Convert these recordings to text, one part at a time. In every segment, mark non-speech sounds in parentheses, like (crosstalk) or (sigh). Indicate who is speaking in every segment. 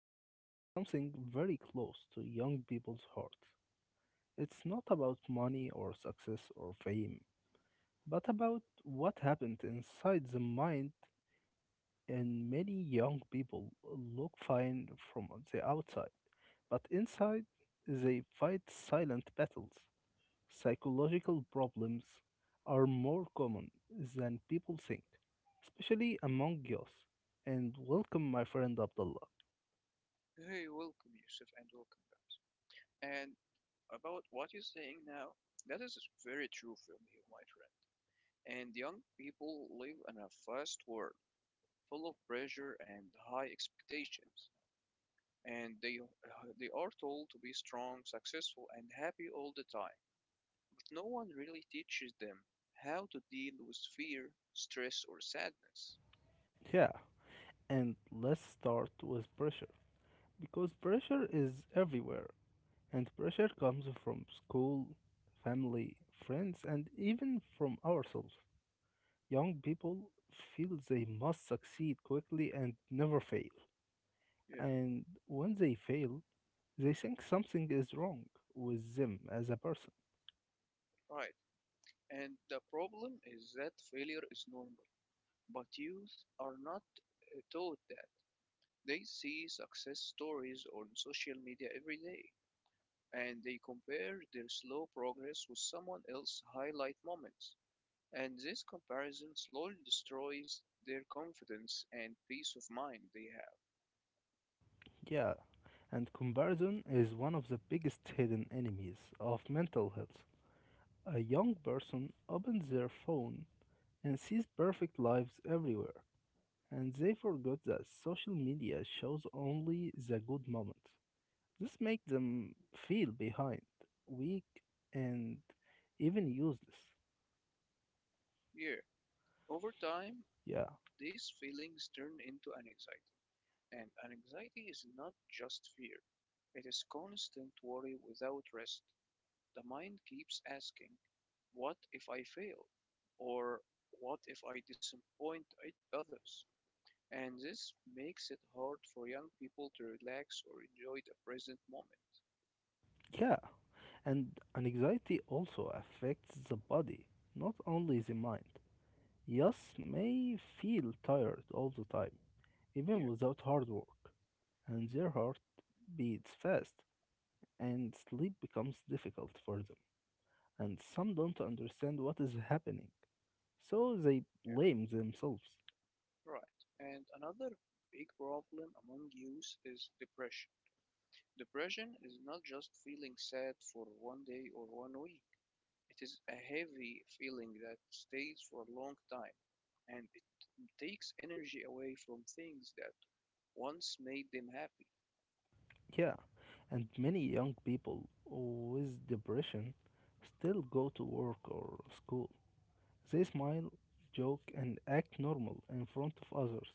Speaker 1: to talk about something very close to young people's hearts. It's not about money or success or fame, but about what happened inside the mind. And many young people look fine from the outside, but inside they fight silent battles. Psychological problems are more common than people think, especially among youth. And welcome, my friend Abdullah.
Speaker 2: Hey, welcome, Yusuf, and welcome, guys. And about what you're saying now, that is very true from you, my friend. And young people live in a fast world full of pressure and high expectations. And they are told to be strong, successful, and happy all the time. But no one really teaches them how to deal with fear, stress, or sadness.
Speaker 1: Yeah, and let's start with pressure because pressure is everywhere, and pressure comes from school, family, friends, and even from ourselves. Young people feel they must succeed quickly and never fail,
Speaker 2: Yeah.
Speaker 1: and when they fail, they think something is wrong with them as a person.
Speaker 2: Right. And the problem is that failure is normal, but youth are not taught that. They see success stories on social media every day, and they compare their slow progress with someone else's highlight moments. And this comparison slowly destroys their confidence and peace of mind they have.
Speaker 1: Yeah, and comparison is one of the biggest hidden enemies of mental health. A young person opens their phone and sees perfect lives everywhere, and they forget that social media shows only the good moments. This makes them feel behind, weak, and even useless.
Speaker 2: Here, over time,
Speaker 1: Yeah,
Speaker 2: these feelings turn into anxiety. And anxiety is not just fear, it is constant worry without rest. The mind keeps asking, what if I fail? Or what if I disappoint others? And this makes it hard for young people to relax or enjoy the present moment.
Speaker 1: yeah, and anxiety also affects the body, not only the mind. Yes, may feel tired all the time, even
Speaker 2: Yeah,
Speaker 1: without hard work, and their heart beats fast, and sleep becomes difficult for them. And some don't understand what is happening, so they
Speaker 2: yeah,
Speaker 1: blame themselves.
Speaker 2: right. And another big problem among youth is depression. Depression is not just feeling sad for one day or one week. It is a heavy feeling that stays for a long time and it takes energy away from things that once made them happy.
Speaker 1: Yeah, and many young people with depression still go to work or school. They smile, joke, and act normal in front of others.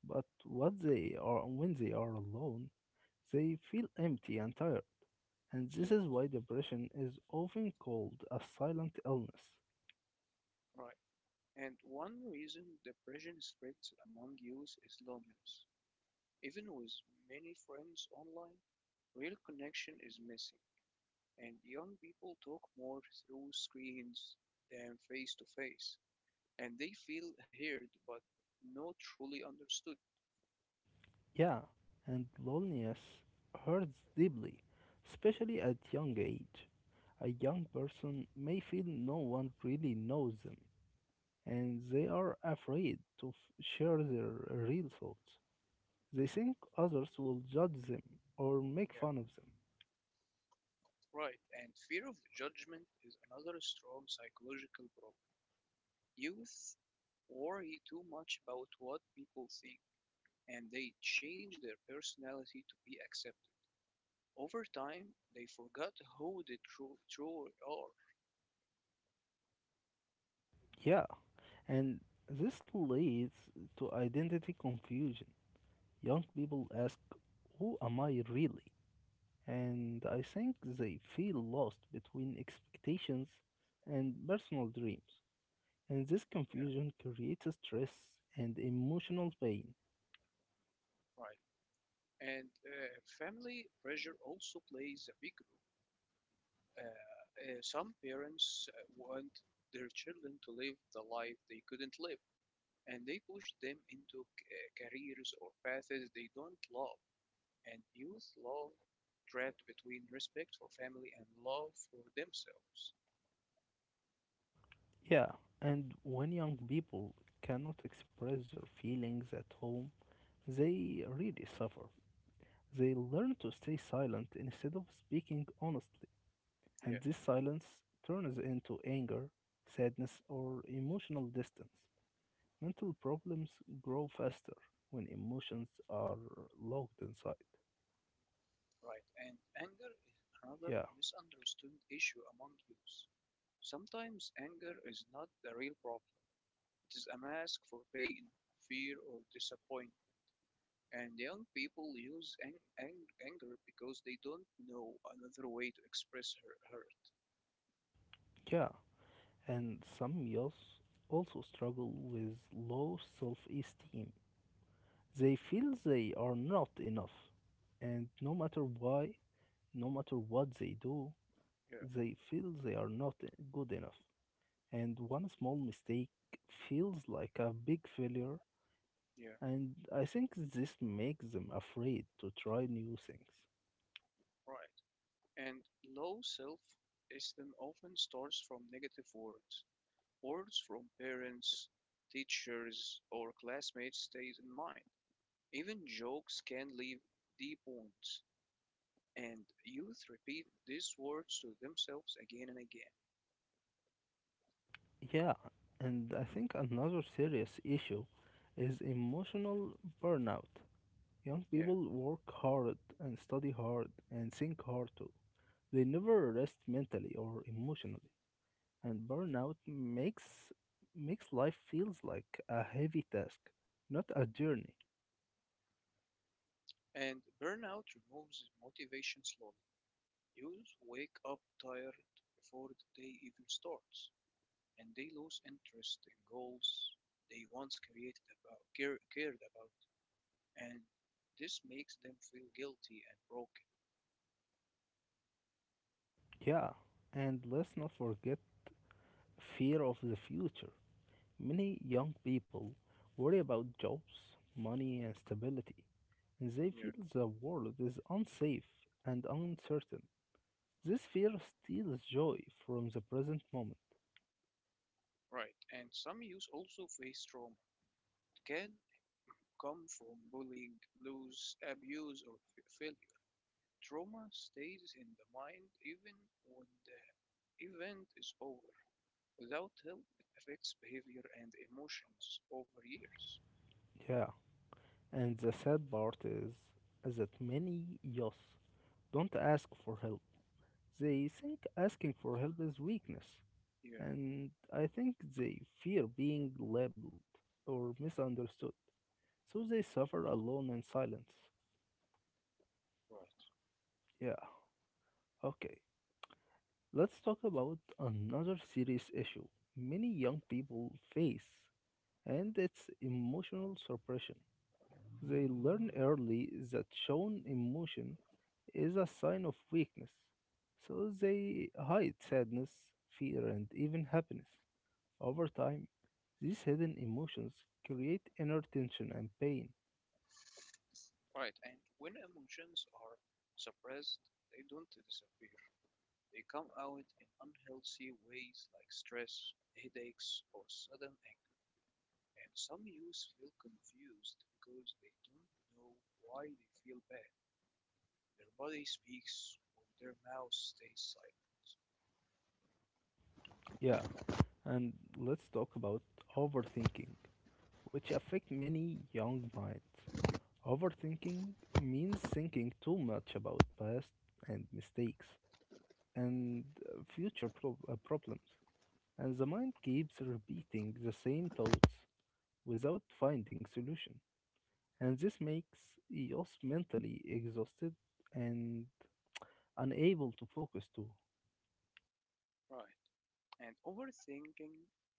Speaker 1: But what they are when they are alone, they feel empty and tired. And this
Speaker 2: Yeah,
Speaker 1: is why depression is often called a silent illness.
Speaker 2: right. And one reason depression spreads among youth is loneliness. Even with many friends online, real connection is missing, and young people talk more through screens than face to face, and they feel heard but not truly understood.
Speaker 1: Yeah, and loneliness hurts deeply, especially at young age. A young person may feel no one really knows them, and they are afraid to share their real thoughts. They think others will judge them or make
Speaker 2: Yeah,
Speaker 1: fun of them.
Speaker 2: right. And fear of judgment is another strong psychological problem. Youth worry too much about what people think, and they change their personality to be accepted. Over time, they forgot who they truly are.
Speaker 1: Yeah, and this leads to identity confusion. Young people ask, who am I really? And I think they feel lost between expectations and personal dreams. And this
Speaker 2: Yeah,
Speaker 1: confusion creates stress and emotional pain.
Speaker 2: right. And family pressure also plays a big role. Some parents want their children to live the life they couldn't live, and they push them into careers or paths they don't love. And youth love trapped between respect for family and love for themselves.
Speaker 1: Yeah, and when young people cannot express their feelings at home, they really suffer. They learn to stay silent instead of speaking honestly, and
Speaker 2: Yeah,
Speaker 1: this silence turns into anger, sadness, or emotional distance. Mental problems grow faster when emotions are locked inside.
Speaker 2: right. And anger is another
Speaker 1: Yeah,
Speaker 2: misunderstood issue among youth. Sometimes anger is not the real problem. It is a mask for pain, fear or disappointment, and young people use anger because they don't know another way to express her hurt.
Speaker 1: yeah. And some youth also struggle with low self esteem. They feel they are not enough, and no matter why, no matter what they do,
Speaker 2: Yeah,
Speaker 1: they feel they are not good enough. And one small mistake feels like a big failure.
Speaker 2: yeah,
Speaker 1: And I think this makes them afraid to try new things.
Speaker 2: right. And low self esteem often starts from negative words. Words from parents, teachers, or classmates stays in mind. Even jokes can leave deep wounds, and youth repeat these words to themselves again and again.
Speaker 1: Yeah, and I think another serious issue is emotional burnout. Young
Speaker 2: Yeah.
Speaker 1: people work hard and study hard and think hard too. They never rest mentally or emotionally, and burnout makes life feels like a heavy task, not a journey.
Speaker 2: And burnout removes motivation slowly. You wake up tired before the day even starts, and they lose interest in goals they once cared about, and this makes them feel guilty and broken.
Speaker 1: Yeah, and let's not forget fear of the future. Many young people worry about jobs, money, and stability. They feel
Speaker 2: Yeah,
Speaker 1: the world is unsafe and uncertain. This fear steals joy from the present moment.
Speaker 2: right. And some youth also face trauma. It can come from bullying, loss, abuse, or failure. Trauma stays in the mind even when the event is over. Without help, it affects behavior and emotions over years.
Speaker 1: Yeah, and the sad part is that many youth don't ask for help. They think asking for help is weakness,
Speaker 2: Yeah,
Speaker 1: and I think they fear being labeled or misunderstood, so they suffer alone in silence.
Speaker 2: right.
Speaker 1: Yeah. Okay. Let's talk about another serious issue many young people face, and it's emotional suppression. They learn early that shown emotion is a sign of weakness, so they hide sadness, fear, and even happiness. Over time, these hidden emotions create inner tension and pain.
Speaker 2: Right, and when emotions are suppressed, they don't disappear. They come out in unhealthy ways like stress, headaches, or sudden anger. And some youth feel confused because they don't know why they feel bad. Their body speaks when their mouth stays silent.
Speaker 1: Yeah, and let's talk about overthinking, which affect many young minds. Overthinking means thinking too much about past and mistakes and future problems, and the mind keeps repeating the same thoughts without finding solution. And this makes us mentally exhausted and unable to focus too.
Speaker 2: Right. And overthinking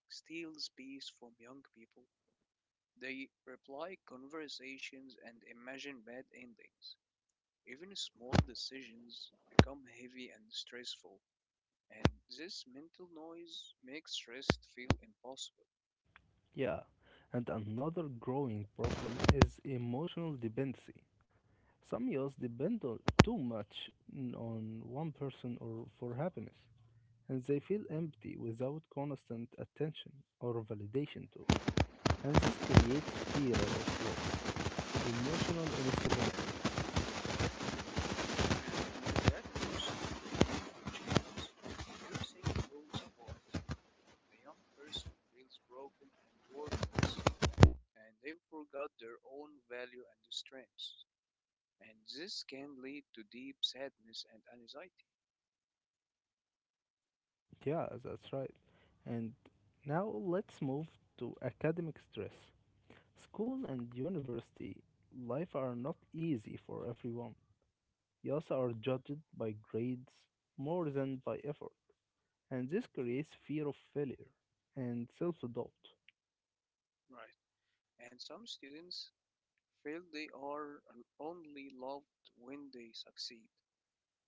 Speaker 2: steals peace from young people. They reply conversations and imagine bad endings. Even small decisions become heavy and stressful, and this mental noise makes rest feel impossible.
Speaker 1: Yeah, and another growing problem is emotional dependency. Some youths depend on too much on one person or for happiness, and they feel empty without constant attention or validation too. And this creates fear of loss, emotional instability.
Speaker 2: And in that response, using low support, the young person feels broken and worthless, and they forgot their own value and strengths. And this can lead to deep sadness and anxiety.
Speaker 1: Yeah, that's right. And now let's move to academic stress. School and university life are not easy for everyone. Youths are judged by grades more than by effort, and this creates fear of failure and self-doubt.
Speaker 2: Right. And some students feel they are only loved when they succeed,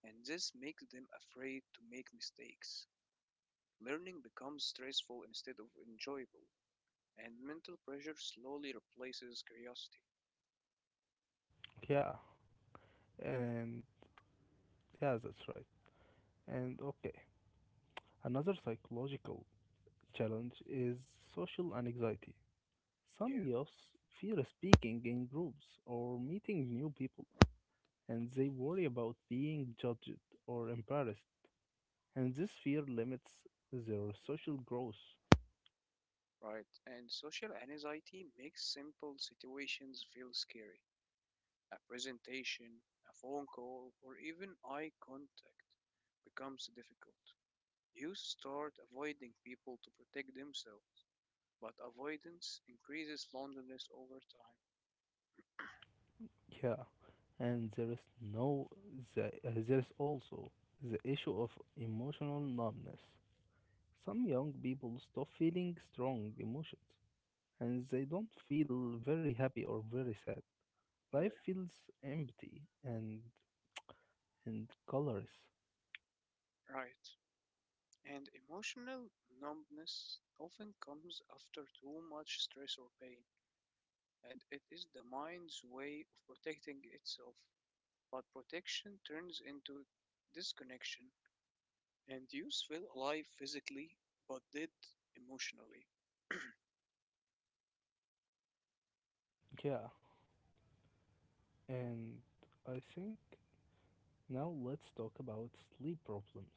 Speaker 2: and this makes them afraid to make mistakes. Learning becomes stressful instead of enjoyable, and mental pressure slowly replaces curiosity.
Speaker 1: Yeah, and yeah, that's right. And okay, another psychological challenge is social anxiety. Some
Speaker 2: Yeah,
Speaker 1: youths fear speaking in groups or meeting new people, and they worry about being judged or embarrassed, and this fear limits their social growth.
Speaker 2: right. And social anxiety makes simple situations feel scary. A presentation, a phone call, or even eye contact becomes difficult. You start avoiding people to protect themselves. But avoidance increases loneliness over time.
Speaker 1: Yeah, and there is no the, there is also the issue of emotional numbness. Some young people stop feeling strong emotions and they don't feel very happy or very sad. Life
Speaker 2: Yeah,
Speaker 1: feels empty and colorless.
Speaker 2: right. And emotional numbness often comes after too much stress or pain, and it is the mind's way of protecting itself. But protection turns into disconnection, and you feel alive physically but dead emotionally.
Speaker 1: Yeah, and I think now let's talk about sleep problems.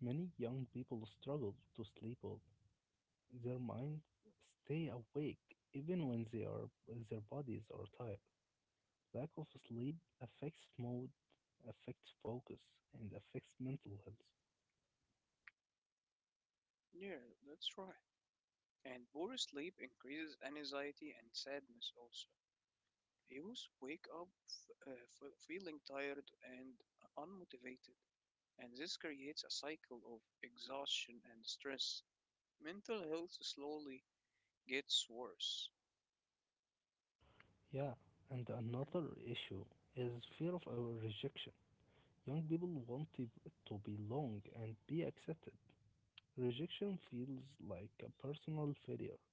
Speaker 1: Many young people struggle to sleep well. Their minds stay awake even when they are their bodies are tired. Lack of sleep affects mood, affects focus, and affects mental health.
Speaker 2: Yeah, that's right. And poor sleep increases anxiety and sadness also. Youth wake up uh, feeling tired and unmotivated, and this creates a cycle of exhaustion and stress. Mental health slowly gets worse.
Speaker 1: Yeah, and another issue is fear of our rejection. Young people want to belong and be accepted. Rejection feels like a personal failure,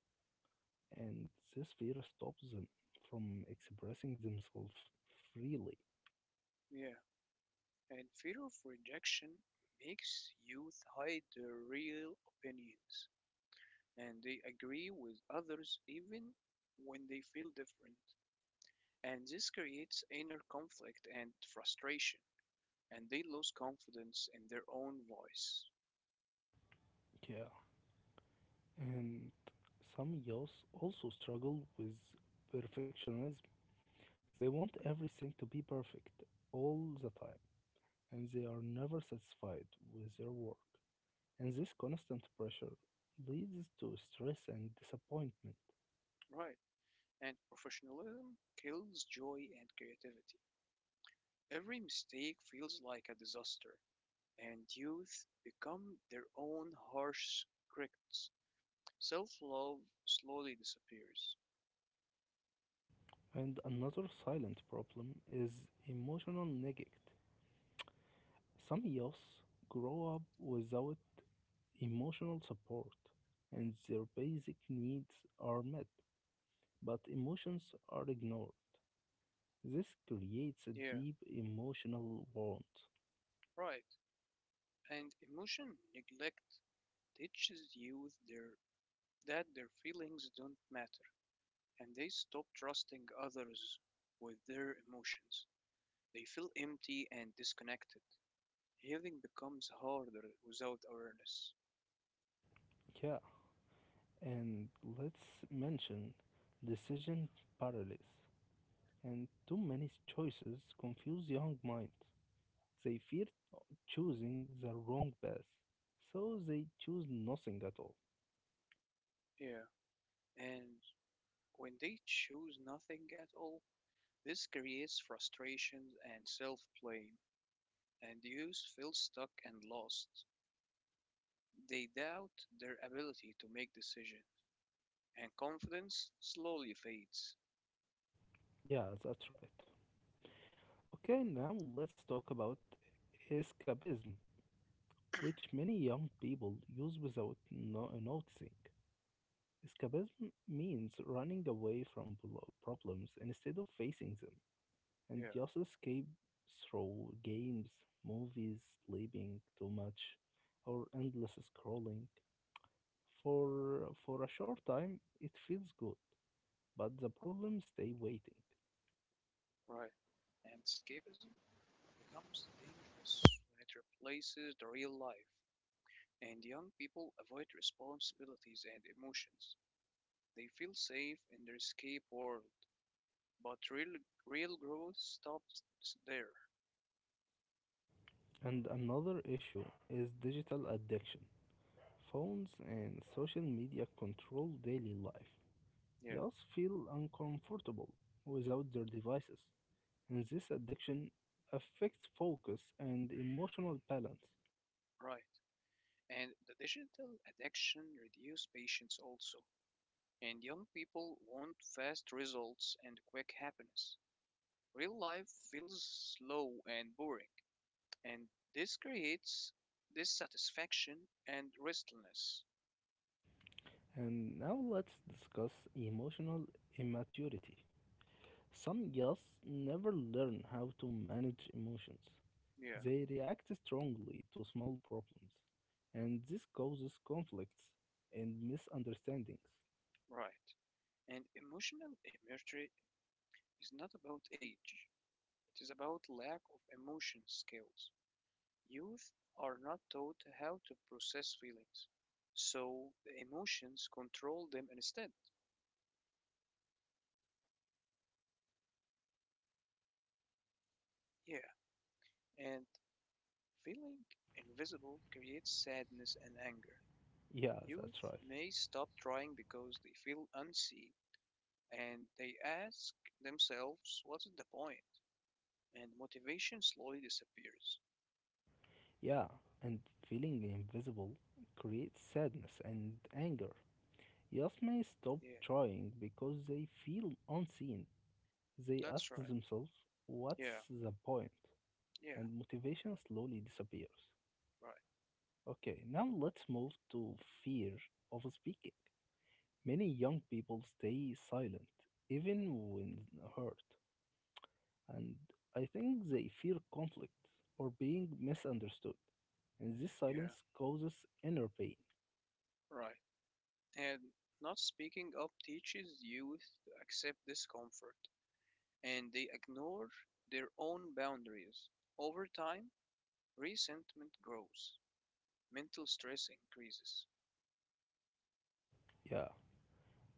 Speaker 1: and this fear stops them from expressing themselves freely.
Speaker 2: Yeah, and fear of rejection makes youth hide their real opinions, and they agree with others even when they feel different. And this creates inner conflict and frustration, and they lose confidence in their own voice.
Speaker 1: Yeah, and some youth also struggle with perfectionism. They want everything to be perfect all the time, and they are never satisfied with their work. And this constant pressure leads to stress and disappointment.
Speaker 2: Right. And professionalism kills joy and creativity. Every mistake feels like a disaster, and youth become their own harsh critics. Self love slowly disappears.
Speaker 1: And another silent problem is emotional neglect. Some youth grow up without emotional support, and their basic needs are met, but emotions are ignored. This creates a
Speaker 2: Yeah,
Speaker 1: deep emotional wound.
Speaker 2: right. And emotion neglect teaches that their feelings don't matter, and they stop trusting others with their emotions. They feel empty and disconnected. Healing becomes harder without awareness.
Speaker 1: Yeah, and let's mention decision paralysis. And too many choices confuse young minds. They fear choosing the wrong path, so they choose nothing at all.
Speaker 2: Yeah. And when they choose nothing at all, this creates frustration and self blame, and youth feel stuck and lost. They doubt their ability to make decisions, and confidence slowly fades.
Speaker 1: Yeah, that's right. Okay, now let's talk about escapism, which many young people use without noticing. Escapism means running away from problems instead of facing them, and
Speaker 2: Yeah,
Speaker 1: just escape through games, movies, sleeping too much, or endless scrolling. For a short time, it feels good, but the problem stay waiting.
Speaker 2: right. And escapism becomes dangerous when it replaces the real life, and young people avoid responsibilities and emotions. They feel safe in their escape world, but real growth stops there.
Speaker 1: And another issue is digital addiction. Phones and social media control daily life.
Speaker 2: Yeah,
Speaker 1: Youth feel uncomfortable without their devices, and this addiction affects focus and emotional balance.
Speaker 2: right. And the digital addiction reduces patience also. And young people want fast results and quick happiness. Real life feels slow and boring, and this creates dissatisfaction and restlessness.
Speaker 1: And now let's discuss emotional immaturity. Some youths never learn how to manage emotions.
Speaker 2: Yeah,
Speaker 1: They react strongly to small problems, and this causes conflicts and misunderstandings.
Speaker 2: right. And emotional immaturity is not about age, it is about lack of emotion skills. Youth are not taught how to process feelings, so the emotions control them instead. Yeah, and feeling invisible creates sadness and anger.
Speaker 1: Yeah, that's
Speaker 2: Youth
Speaker 1: right.
Speaker 2: may stop trying because they feel unseen and they ask themselves, what's the point? And motivation slowly disappears.
Speaker 1: Yeah, and feeling invisible creates sadness and anger. Yes may stop
Speaker 2: Yeah,
Speaker 1: trying because they feel unseen. They ask
Speaker 2: that's right.
Speaker 1: themselves, what's
Speaker 2: Yeah,
Speaker 1: the point?
Speaker 2: yeah,
Speaker 1: And motivation slowly disappears.
Speaker 2: right.
Speaker 1: Okay, now let's move to fear of speaking. Many young people stay silent even when hurt, and I think they fear conflict or being misunderstood, and this
Speaker 2: Yeah,
Speaker 1: silence causes inner pain.
Speaker 2: right. And not speaking up teaches youth to accept discomfort and they ignore their own boundaries. Over time, resentment grows, mental stress increases.
Speaker 1: Yeah,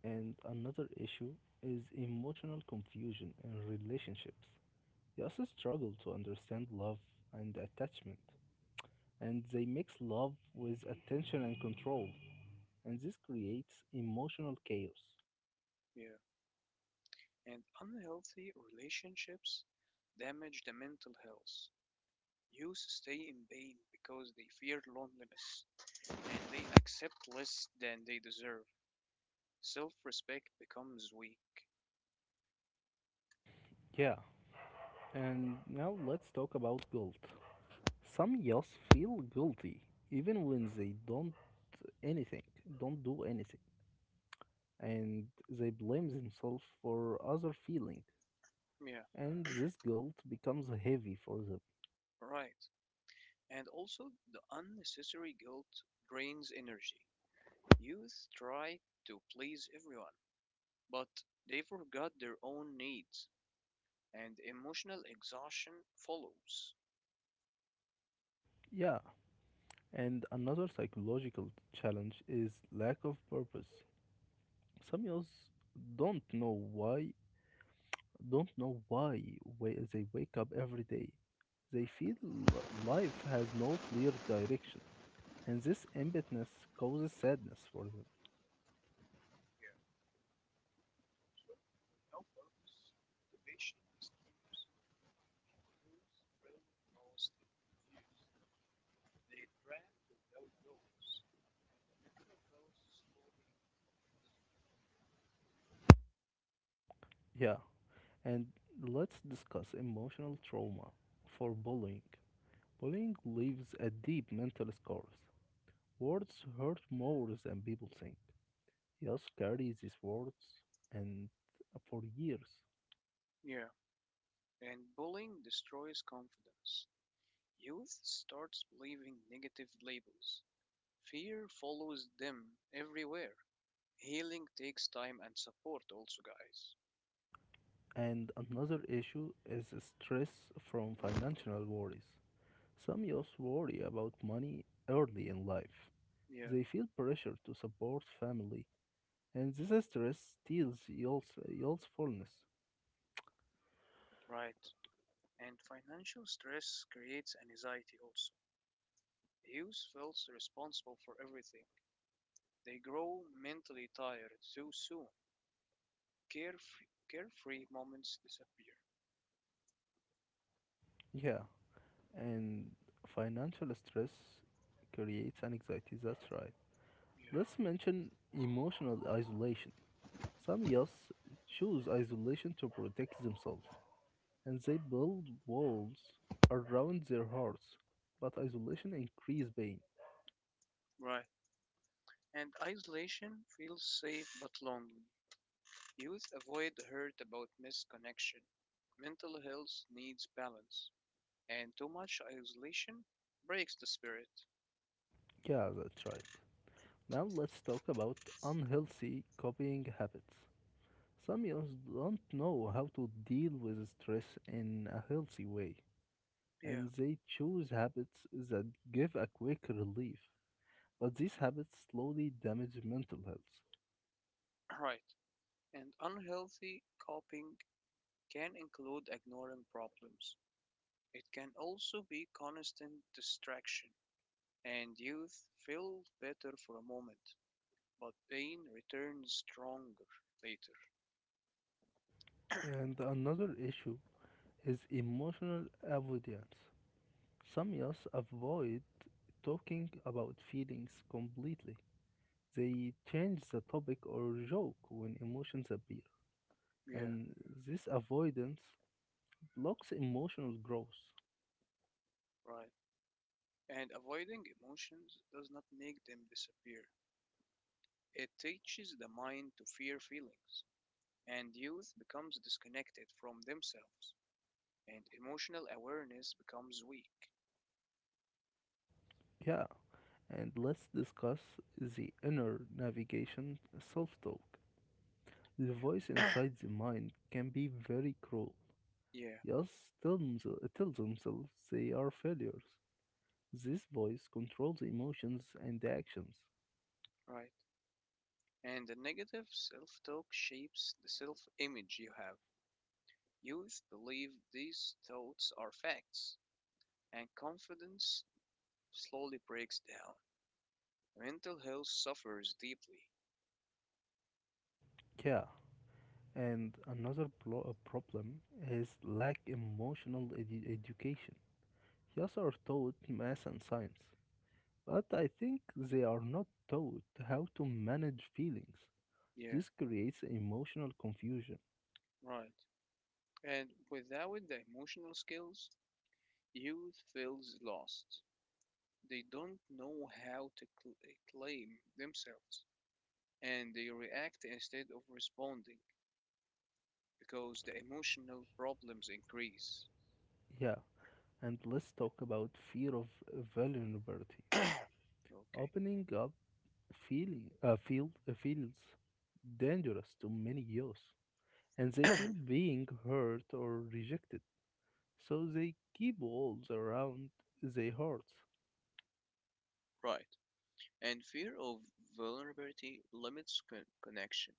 Speaker 1: and another issue is emotional confusion in relationships. They also struggle to understand love and attachment, and they mix love with attention and control, and this creates emotional chaos.
Speaker 2: Yeah. And unhealthy relationships damage the mental health. Youth stay in pain because they fear loneliness and they accept less than they deserve. Self respect becomes weak.
Speaker 1: Yeah, and now let's talk about guilt. Some youths feel guilty even when they don't anything, don't do anything, and they blame themselves for other feeling,
Speaker 2: Yeah.
Speaker 1: and this guilt becomes heavy for them.
Speaker 2: Right. And also, the unnecessary guilt drains energy. Youth try to please everyone, but they forgot their own needs, and emotional exhaustion follows.
Speaker 1: Yeah, and another psychological challenge is lack of purpose. Some youths don't know why, don't know why they wake up every day. They feel life has no clear direction, and this emptiness causes sadness for them.
Speaker 2: No purpose, motivation disappears, and those feeling lost, confused, they drift without goals, and the mental health is slowly.
Speaker 1: Yeah, and let's discuss emotional trauma for bullying. Bullying leaves a deep mental scars. Words hurt more than people think. Yes, carry these words and for years.
Speaker 2: Yeah, and bullying destroys confidence. Youth starts believing negative labels. Fear follows them everywhere. Healing takes time and support, also, guys.
Speaker 1: And another issue is stress from financial worries. Some youth worry about money early in life.
Speaker 2: Yeah,
Speaker 1: They feel pressure to support family, and this stress steals youthfulness.
Speaker 2: right. And financial stress creates anxiety also. Youth feels responsible for everything. They grow mentally tired too soon. Carefree moments disappear.
Speaker 1: Yeah, and financial stress creates anxiety, that's right.
Speaker 2: Yeah.
Speaker 1: Let's mention emotional isolation. Some youths choose isolation to protect themselves, and they build walls around their hearts. But isolation increases pain.
Speaker 2: Right. And isolation feels safe but lonely. Youth avoid hurt about misconnection. Mental health needs balance, and too much isolation breaks the spirit.
Speaker 1: Yeah, that's right. Now let's talk about unhealthy copying habits. Some youths don't know how to deal with stress in a healthy way,
Speaker 2: Yeah,
Speaker 1: and they choose habits that give a quick relief. But these habits slowly damage mental health.
Speaker 2: right. And unhealthy coping can include ignoring problems, it can also be constant distraction, and youth feel better for a moment, but pain returns stronger later.
Speaker 1: And another issue is emotional avoidance. Some youths avoid talking about feelings completely. They change the topic or joke when emotions appear,
Speaker 2: Yeah,
Speaker 1: and this avoidance blocks emotional growth.
Speaker 2: right. And avoiding emotions does not make them disappear. It teaches the mind to fear feelings, and youth becomes disconnected from themselves, and emotional awareness becomes weak.
Speaker 1: Yeah, and let's discuss the inner navigation self talk. The voice
Speaker 2: Yeah.
Speaker 1: inside the mind can be very cruel.
Speaker 2: Yeah,
Speaker 1: Yes, tell, tell themselves they are failures. This voice controls the emotions and the actions.
Speaker 2: right. And the negative self talk shapes the self image you have. Youth believe these thoughts are facts, and confidence slowly breaks down. Mental health suffers deeply.
Speaker 1: Yeah, and another problem is lack emotional education. Yes, are taught math and science, but I think they are not taught how to manage feelings.
Speaker 2: Yeah,
Speaker 1: This creates emotional confusion.
Speaker 2: right. And without the emotional skills, youth feels lost. They don't know how to claim themselves, and they react instead of responding because the emotional problems increase.
Speaker 1: Yeah, and let's talk about fear of vulnerability.
Speaker 2: (coughs) Okay,
Speaker 1: Opening up feels dangerous to many youth, and they feel being hurt or rejected, so they keep walls around their hearts.
Speaker 2: right. And fear of vulnerability limits connection.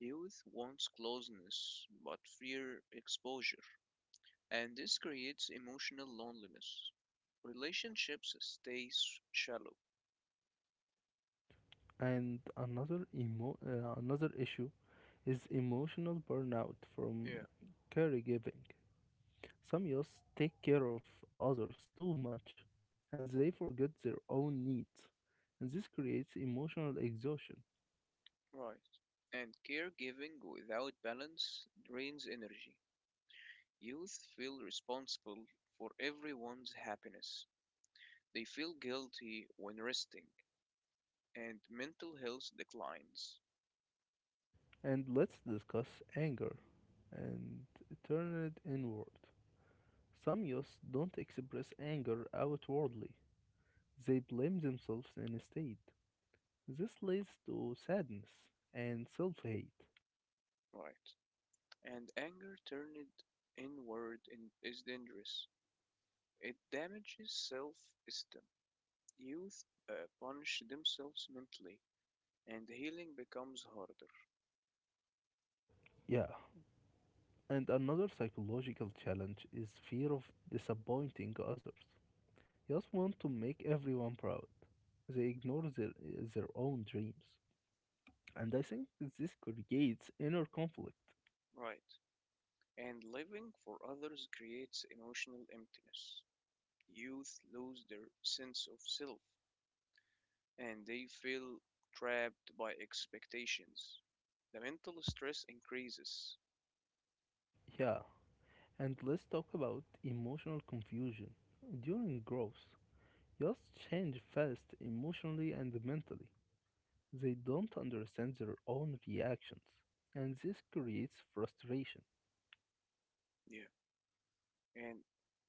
Speaker 2: Youth wants closeness but fear exposure, and this creates emotional loneliness. Relationships stay shallow.
Speaker 1: And another issue is emotional burnout from
Speaker 2: Yeah,
Speaker 1: caregiving. Some youth take care of others too much, and they forget their own needs, and this creates emotional exhaustion.
Speaker 2: right. And caregiving without balance drains energy. Youth feel responsible for everyone's happiness. They feel guilty when resting, and mental health declines.
Speaker 1: And let's discuss anger and turn it inward. Some youths don't express anger outwardly, they blame themselves instead. This leads to sadness and self hate.
Speaker 2: Right. And anger turned is dangerous. It damages self esteem youth uh, punish themselves mentally and healing becomes harder.
Speaker 1: Yeah, and another psychological challenge is fear of disappointing others. Youths want to make everyone proud, they ignore their own dreams. And I think this creates inner conflict.
Speaker 2: Right. And living for others creates emotional emptiness. Youth lose their sense of self and they feel trapped by expectations. The mental stress increases.
Speaker 1: Yeah, and let's talk about emotional confusion. During growth, youths change fast emotionally and mentally. They don't understand their own reactions, and this creates frustration.
Speaker 2: Yeah. And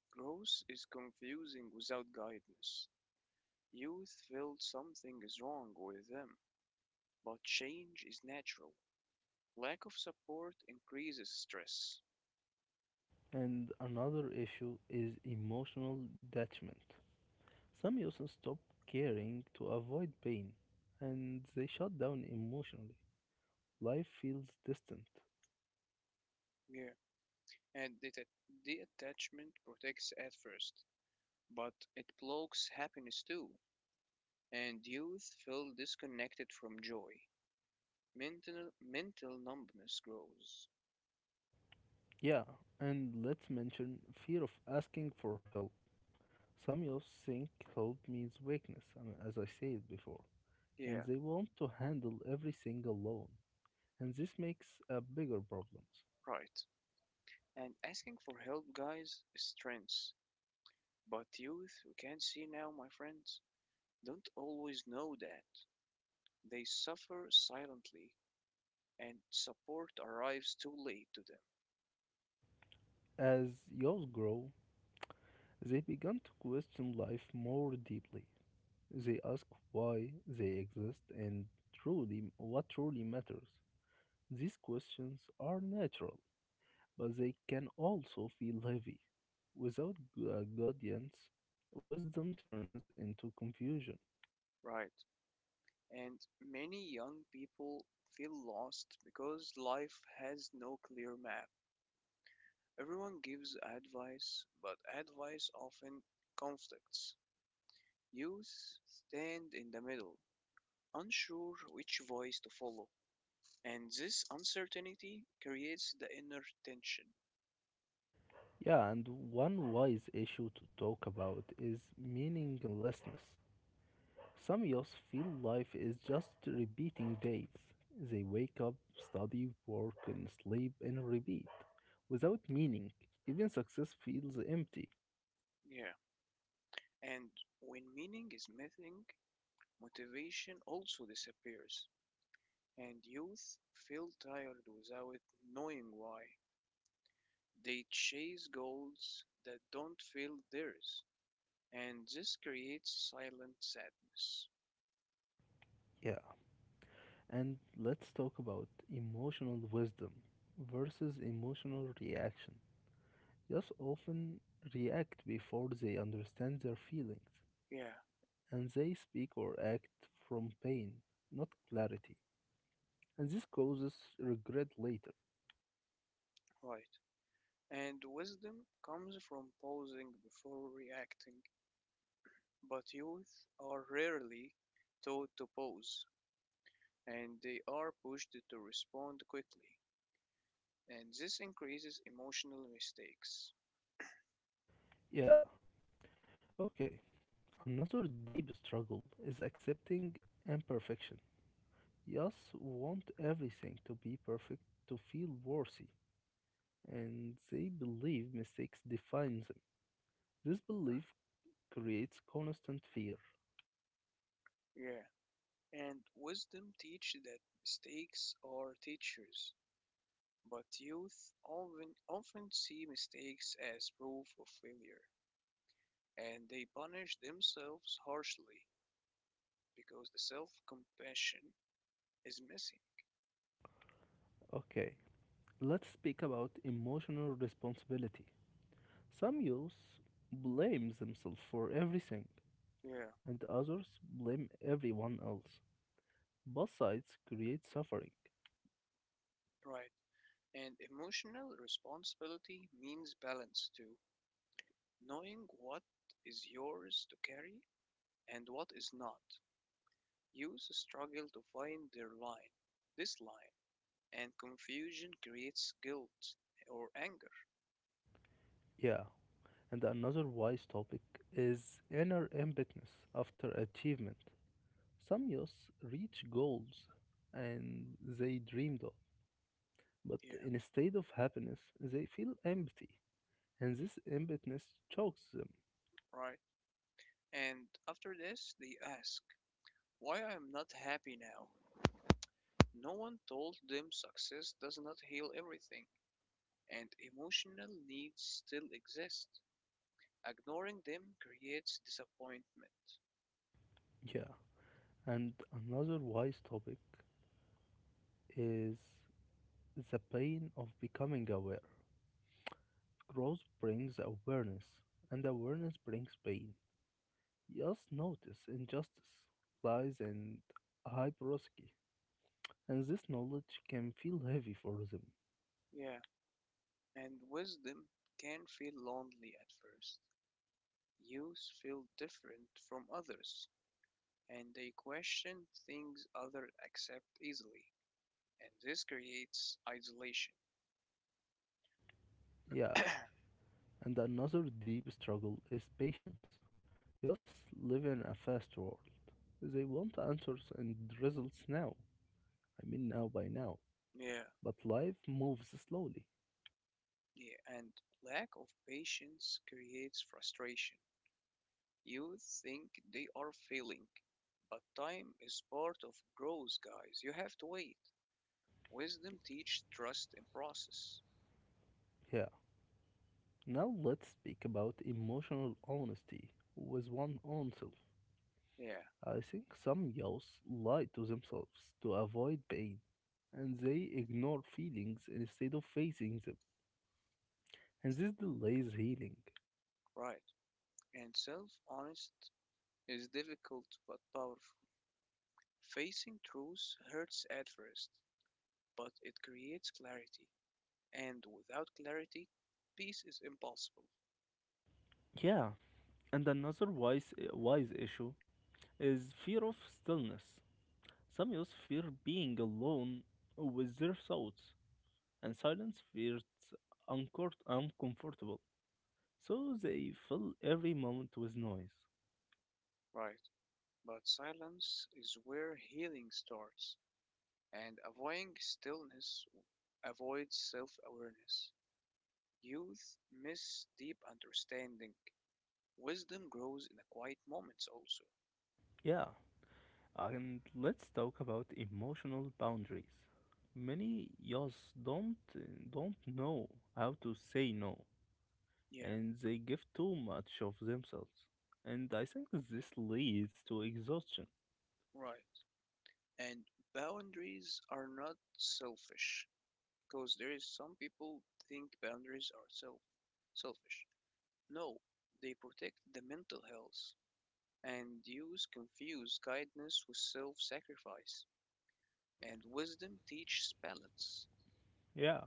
Speaker 2: growth is confusing without guidance. Youth feel something is wrong with them, but change is natural. Lack of support increases stress.
Speaker 1: And another issue is emotional detachment. Some youths stop caring to avoid pain, and they shut down emotionally. Life feels distant.
Speaker 2: Yeah and detachment protects at first, but it blocks happiness too, and youth feel disconnected from joy. Mental numbness grows.
Speaker 1: Yeah, and let's mention fear of asking for help. Some youth think hope means weakness, as I said before, and
Speaker 2: Yeah,
Speaker 1: they want to handle everything alone. And this makes a bigger problems.
Speaker 2: right. And asking for help, guys, is strength. But youth, we can see now, my friends, don't always know that. They suffer silently, and support arrives too late to them.
Speaker 1: As yos grow, they begin to question life more deeply. They ask why they exist and truly what truly matters. These questions are natural, but they can also feel heavy. Without guidance, wisdom turns into confusion.
Speaker 2: Right. And many young people feel lost because life has no clear map. Everyone gives advice, but advice often conflicts. Youth stand in the middle, unsure which voice to follow, and this uncertainty creates the inner tension.
Speaker 1: Yeah, and one wise issue to talk about is meaninglessness. Some youths feel life is just repeating days. They wake up, study, work, and sleep, and repeat. Without meaning, even success feels empty.
Speaker 2: Yeah, and when meaning is missing, motivation also disappears, and youth feel tired without knowing why. They chase goals that don't feel theirs, and this creates silent sadness.
Speaker 1: Yeah. And let's talk about emotional wisdom versus emotional reaction. Youths often react before they understand their feelings.
Speaker 2: Yeah,
Speaker 1: And they speak or act from pain, not clarity, and this causes regret later.
Speaker 2: right. And wisdom comes from pausing before reacting, but youth are rarely taught to pause, and they are pushed to respond quickly, and this increases emotional mistakes.
Speaker 1: Yeah, okay. Another deep struggle is accepting imperfection. Yes, want everything to be perfect to feel worthy, and they believe mistakes define them. This
Speaker 2: Right.
Speaker 1: belief creates constant fear.
Speaker 2: Yeah, and wisdom teach that mistakes are teachers. But youth often see mistakes as proof of failure, and they punish themselves harshly because the self compassion is missing.
Speaker 1: Okay, let's speak about emotional responsibility. Some youth blame themselves for everything
Speaker 2: Yeah,
Speaker 1: and others blame everyone else. Both sides create suffering.
Speaker 2: right. And emotional responsibility means balance too, knowing what is yours to carry and what is not. Youth struggle to find this line, and confusion creates guilt or anger.
Speaker 1: Yeah, and another wise topic is inner emptiness after achievement. Some youths reach goals and they dreamed of, but
Speaker 2: Yeah,
Speaker 1: instead of happiness, they feel empty, and this emptiness chokes them.
Speaker 2: right. And after this, they ask, why I am not happy now. No one told them success does not heal everything, and emotional needs still exist. Ignoring them creates disappointment.
Speaker 1: Yeah, and another wise topic is the pain of becoming aware. Growth brings awareness, and awareness brings pain. Just notice injustice, lies, and hypocrisy, and this knowledge can feel heavy for them.
Speaker 2: Yeah, and wisdom can feel lonely at first. Youths feel different from others, and they question things others accept easily, and this creates isolation.
Speaker 1: Yeah,
Speaker 2: (coughs)
Speaker 1: and another deep struggle is patience. Yes, live in a fast world. They want answers and results now. I mean, now by now.
Speaker 2: yeah,
Speaker 1: But life moves slowly.
Speaker 2: yeah, and lack of patience creates frustration. You think they are failing, but time is part of growth, guys. You have to wait. Wisdom teaches trust and process.
Speaker 1: Yeah. Now let's speak about emotional honesty with one own self.
Speaker 2: Yeah,
Speaker 1: I think some youths lie to themselves to avoid pain, and they ignore feelings instead of facing them, and this delays healing.
Speaker 2: right. And self honest is difficult but powerful. Facing truth hurts at first, but it creates clarity. And without clarity, peace is impossible.
Speaker 1: Yeah, and another wise issue is fear of stillness. Some youths fear being alone with their thoughts, and silence feels uncomfortable, so they fill every moment with noise.
Speaker 2: Right, but silence is where healing starts, and avoiding stillness avoids self awareness. Youth miss deep understanding. Wisdom grows in the quiet moments also.
Speaker 1: Yeah, and let's talk about emotional boundaries. Many youths don't know how to say no,
Speaker 2: Yeah,
Speaker 1: and they give too much of themselves. And I think this leads to exhaustion.
Speaker 2: right. And boundaries are not selfish because there is some people think boundaries are selfish. No, they protect the mental health. And youth confuse kindness with self-sacrifice. And wisdom teaches balance.
Speaker 1: Yeah.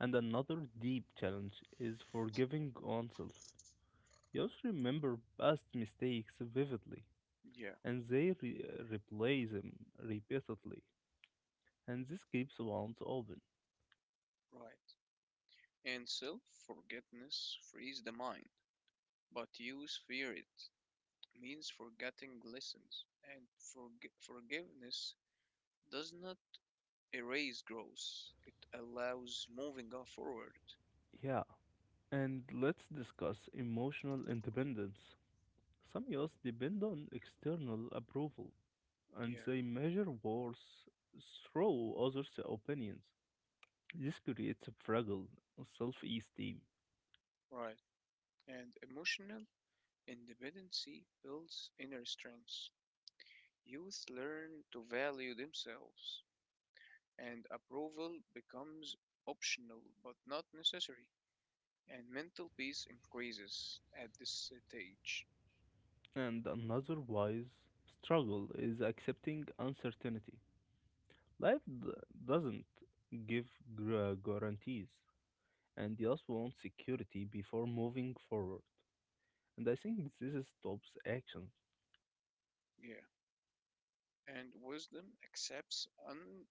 Speaker 1: And another deep challenge is forgiving oneself. Youth remember past mistakes vividly,
Speaker 2: Yeah,
Speaker 1: and they replay them repeatedly, and this keeps ones open.
Speaker 2: right. And self-forgetfulness frees the mind, but youth fear it. Means forgetting lessons, and forgiveness does not erase growth. It allows moving on forward.
Speaker 1: Yeah, and let's discuss emotional independence. Some youth depend on external approval and
Speaker 2: Yeah,
Speaker 1: they measure worth through others' opinions. This creates a fragile self esteem.
Speaker 2: right. And emotional independency builds inner strength. Youth learn to value themselves, and approval becomes optional but not necessary. And mental peace increases at this stage.
Speaker 1: And another wise struggle is accepting uncertainty. Life doesn't give guarantees, and youth want security before moving forward. And I think this stops action.
Speaker 2: Yeah, and wisdom accepts un-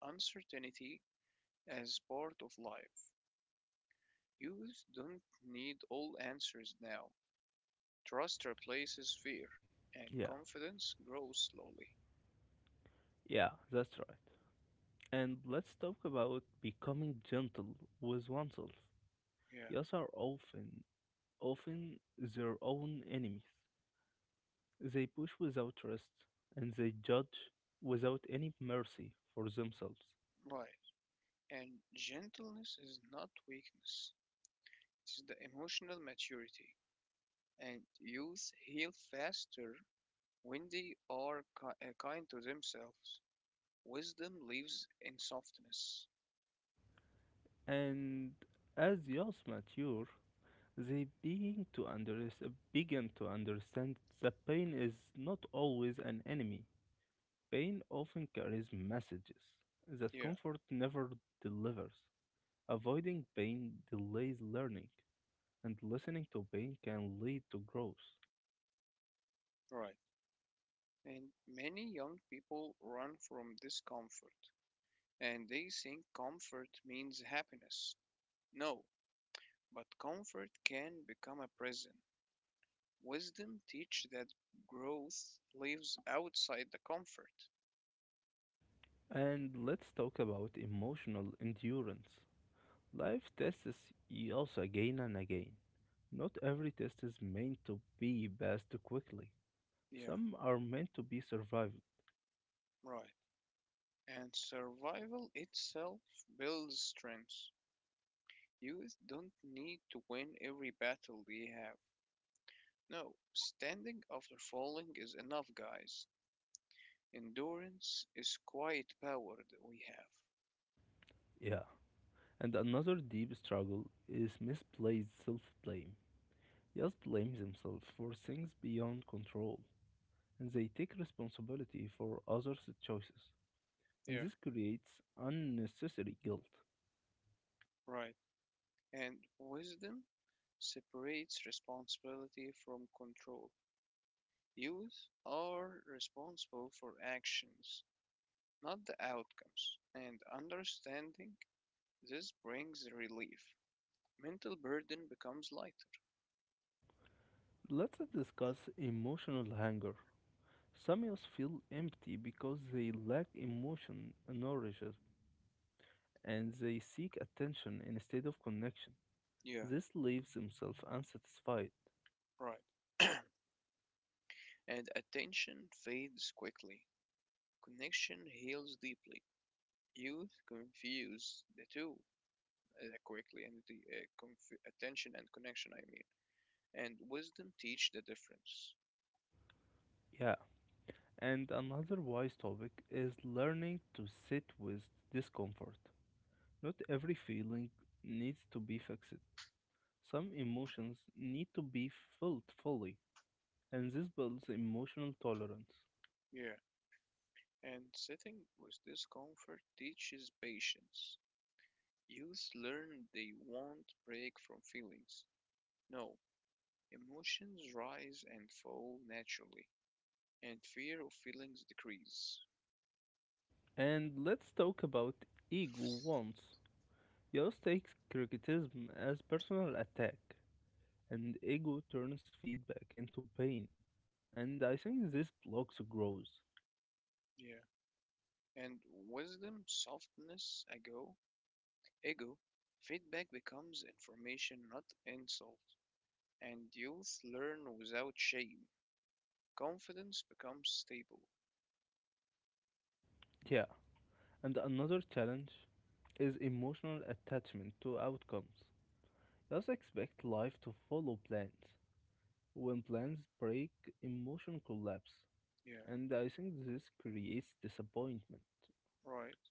Speaker 2: uncertainty as part of life. Youth don't need all answers now. Trust replaces fear, and
Speaker 1: Yeah,
Speaker 2: confidence grows slowly.
Speaker 1: yeah, that's right. And let's talk about becoming gentle with oneself.
Speaker 2: Yeah,
Speaker 1: Yes are often their own enemies. They push without rest, and they judge without any mercy for themselves.
Speaker 2: right. And gentleness is not weakness, it's the emotional maturity. And youth heal faster when they are kind to themselves. Wisdom lives in softness.
Speaker 1: And as Yas mature, they begin to understand that pain is not always an enemy. Pain often carries messages that
Speaker 2: Yeah,
Speaker 1: comfort never delivers. Avoiding pain delays learning, and listening to pain can lead to growth.
Speaker 2: right. And many young people run from discomfort, and they think comfort means happiness. No, but comfort can become a prison. Wisdom teach that growth lives outside the comfort.
Speaker 1: And let's talk about emotional endurance. Life tests us again and again. Not every test is meant to be passed quickly.
Speaker 2: Yeah,
Speaker 1: Some are meant to be survived.
Speaker 2: right. And survival itself builds strength. Youth don't need to win every battle they have. No, standing after falling is enough, guys. Endurance is quiet power that we have.
Speaker 1: Yeah. And another deep struggle is misplaced self blame. Yas blame themselves for things beyond control, and they take responsibility for others' choices, and
Speaker 2: Yeah,
Speaker 1: this creates unnecessary guilt.
Speaker 2: right. And wisdom separates responsibility from control. Youth are responsible for actions, not the outcomes, and understanding this brings relief. Mental burden becomes lighter.
Speaker 1: Let's discuss emotional hunger. Samios feel empty because they lack emotion nourishes and they seek attention instead of connection.
Speaker 2: Yeah,
Speaker 1: This leaves themselves unsatisfied.
Speaker 2: right. And attention fades quickly. Connection heals deeply. Youth confuse the two quickly, and the attention and connection, I mean, and wisdom teach the difference.
Speaker 1: Yeah. And another wise topic is learning to sit with discomfort. Not every feeling needs to be fixed. Some emotions need to be felt fully, and this builds emotional tolerance.
Speaker 2: Yeah. And sitting with discomfort teaches patience. Youth learn they won't break from feelings. No, emotions rise and fall naturally, and fear of feelings decrease.
Speaker 1: And let's talk about ego once. Yost takes criticism as personal attack, and ego turns feedback into pain. And I think this blocks growth.
Speaker 2: Yeah. And wisdom, softness, ego, feedback becomes information, not insult. And youth learn without shame. Confidence becomes stable.
Speaker 1: Yeah. And another challenge is emotional attachment to outcomes. Just expect life to follow plans. When plans break, emotion collapse.
Speaker 2: Yeah,
Speaker 1: And I think this creates disappointment.
Speaker 2: right.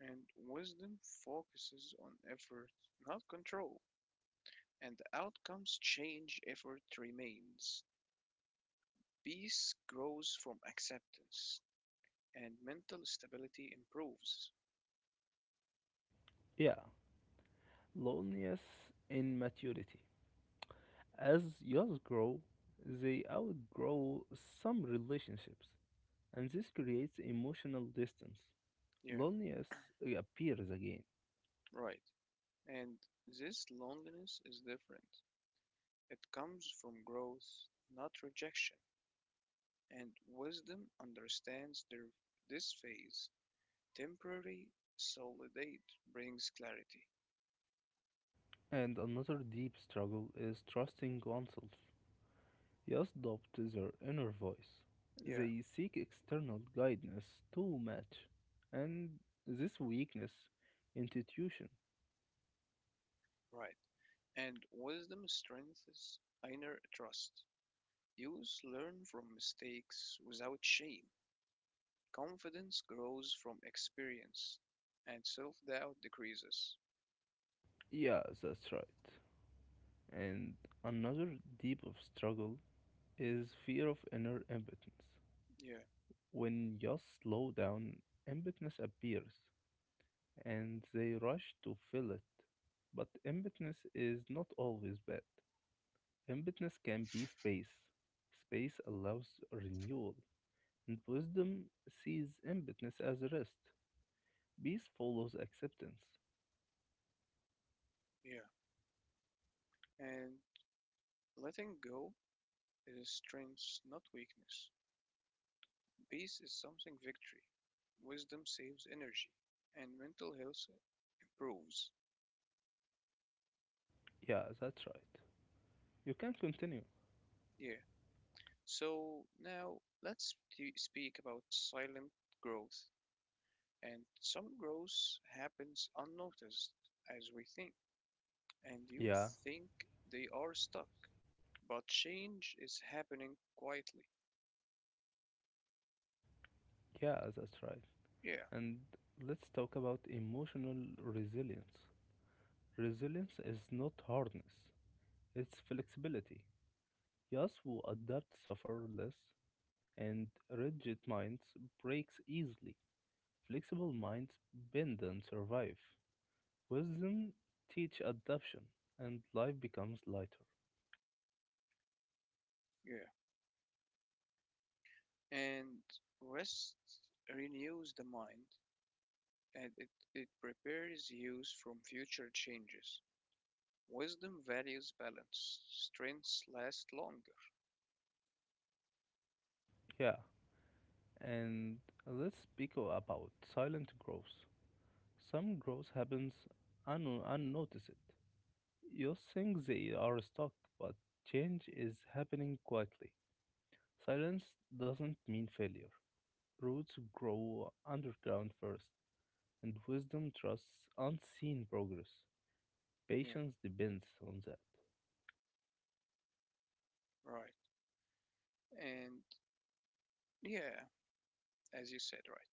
Speaker 2: And wisdom focuses on effort, not control, and outcomes change, effort remains. Peace grows from acceptance, and mental stability improves.
Speaker 1: Yeah, loneliness in maturity. As yours grow, they outgrow some relationships, and this creates emotional distance.
Speaker 2: Yeah,
Speaker 1: Loneliness appears again.
Speaker 2: right. And this loneliness is different. It comes from growth, not rejection. And wisdom understands this phase. Temporary solidate brings clarity.
Speaker 1: And another deep struggle is trusting oneself. Youth adopt their inner voice.
Speaker 2: Yeah,
Speaker 1: They seek external guidance too much. And this weakness, institution.
Speaker 2: right. And wisdom strengthens inner trust. Youth learn from mistakes without shame. Confidence grows from experience, and self doubt decreases.
Speaker 1: Yeah, that's right. And another deep of struggle is fear of inner impotence.
Speaker 2: Yeah,
Speaker 1: When just slowdown, emptiness appears, and they rush to fill it. But emptiness is not always bad. Emptiness can be space. Space allows renewal, and wisdom sees emptiness as rest. Peace follows acceptance.
Speaker 2: yeah. And letting go is strength, not weakness. Peace is something victory. Wisdom saves energy, and mental health improves.
Speaker 1: Yeah, that's right. You can continue.
Speaker 2: Yeah. So now speak about silent growth. And some growth happens unnoticed as we think, and you
Speaker 1: Yeah,
Speaker 2: think they are stuck, but change is happening quietly.
Speaker 1: yeah, that's right.
Speaker 2: Yeah,
Speaker 1: And let's talk about emotional resilience. Resilience is not hardness, it's flexibility. Yes, adults suffer less, and rigid minds breaks easily. Flexible minds bend and survive. Wisdom teach adaptation, and life becomes lighter.
Speaker 2: yeah. And rest renews the mind and it prepares you from future changes. Wisdom values balance, strengths last longer.
Speaker 1: Yeah, and let's speak about silent growth. Some growth happens unnoticed. You think they are stuck, but change is happening quietly. Silence doesn't mean failure. Roots grow underground first. And wisdom trusts unseen progress.
Speaker 2: Yeah,
Speaker 1: Patience depends on that.
Speaker 2: right. And yeah, as you said, right.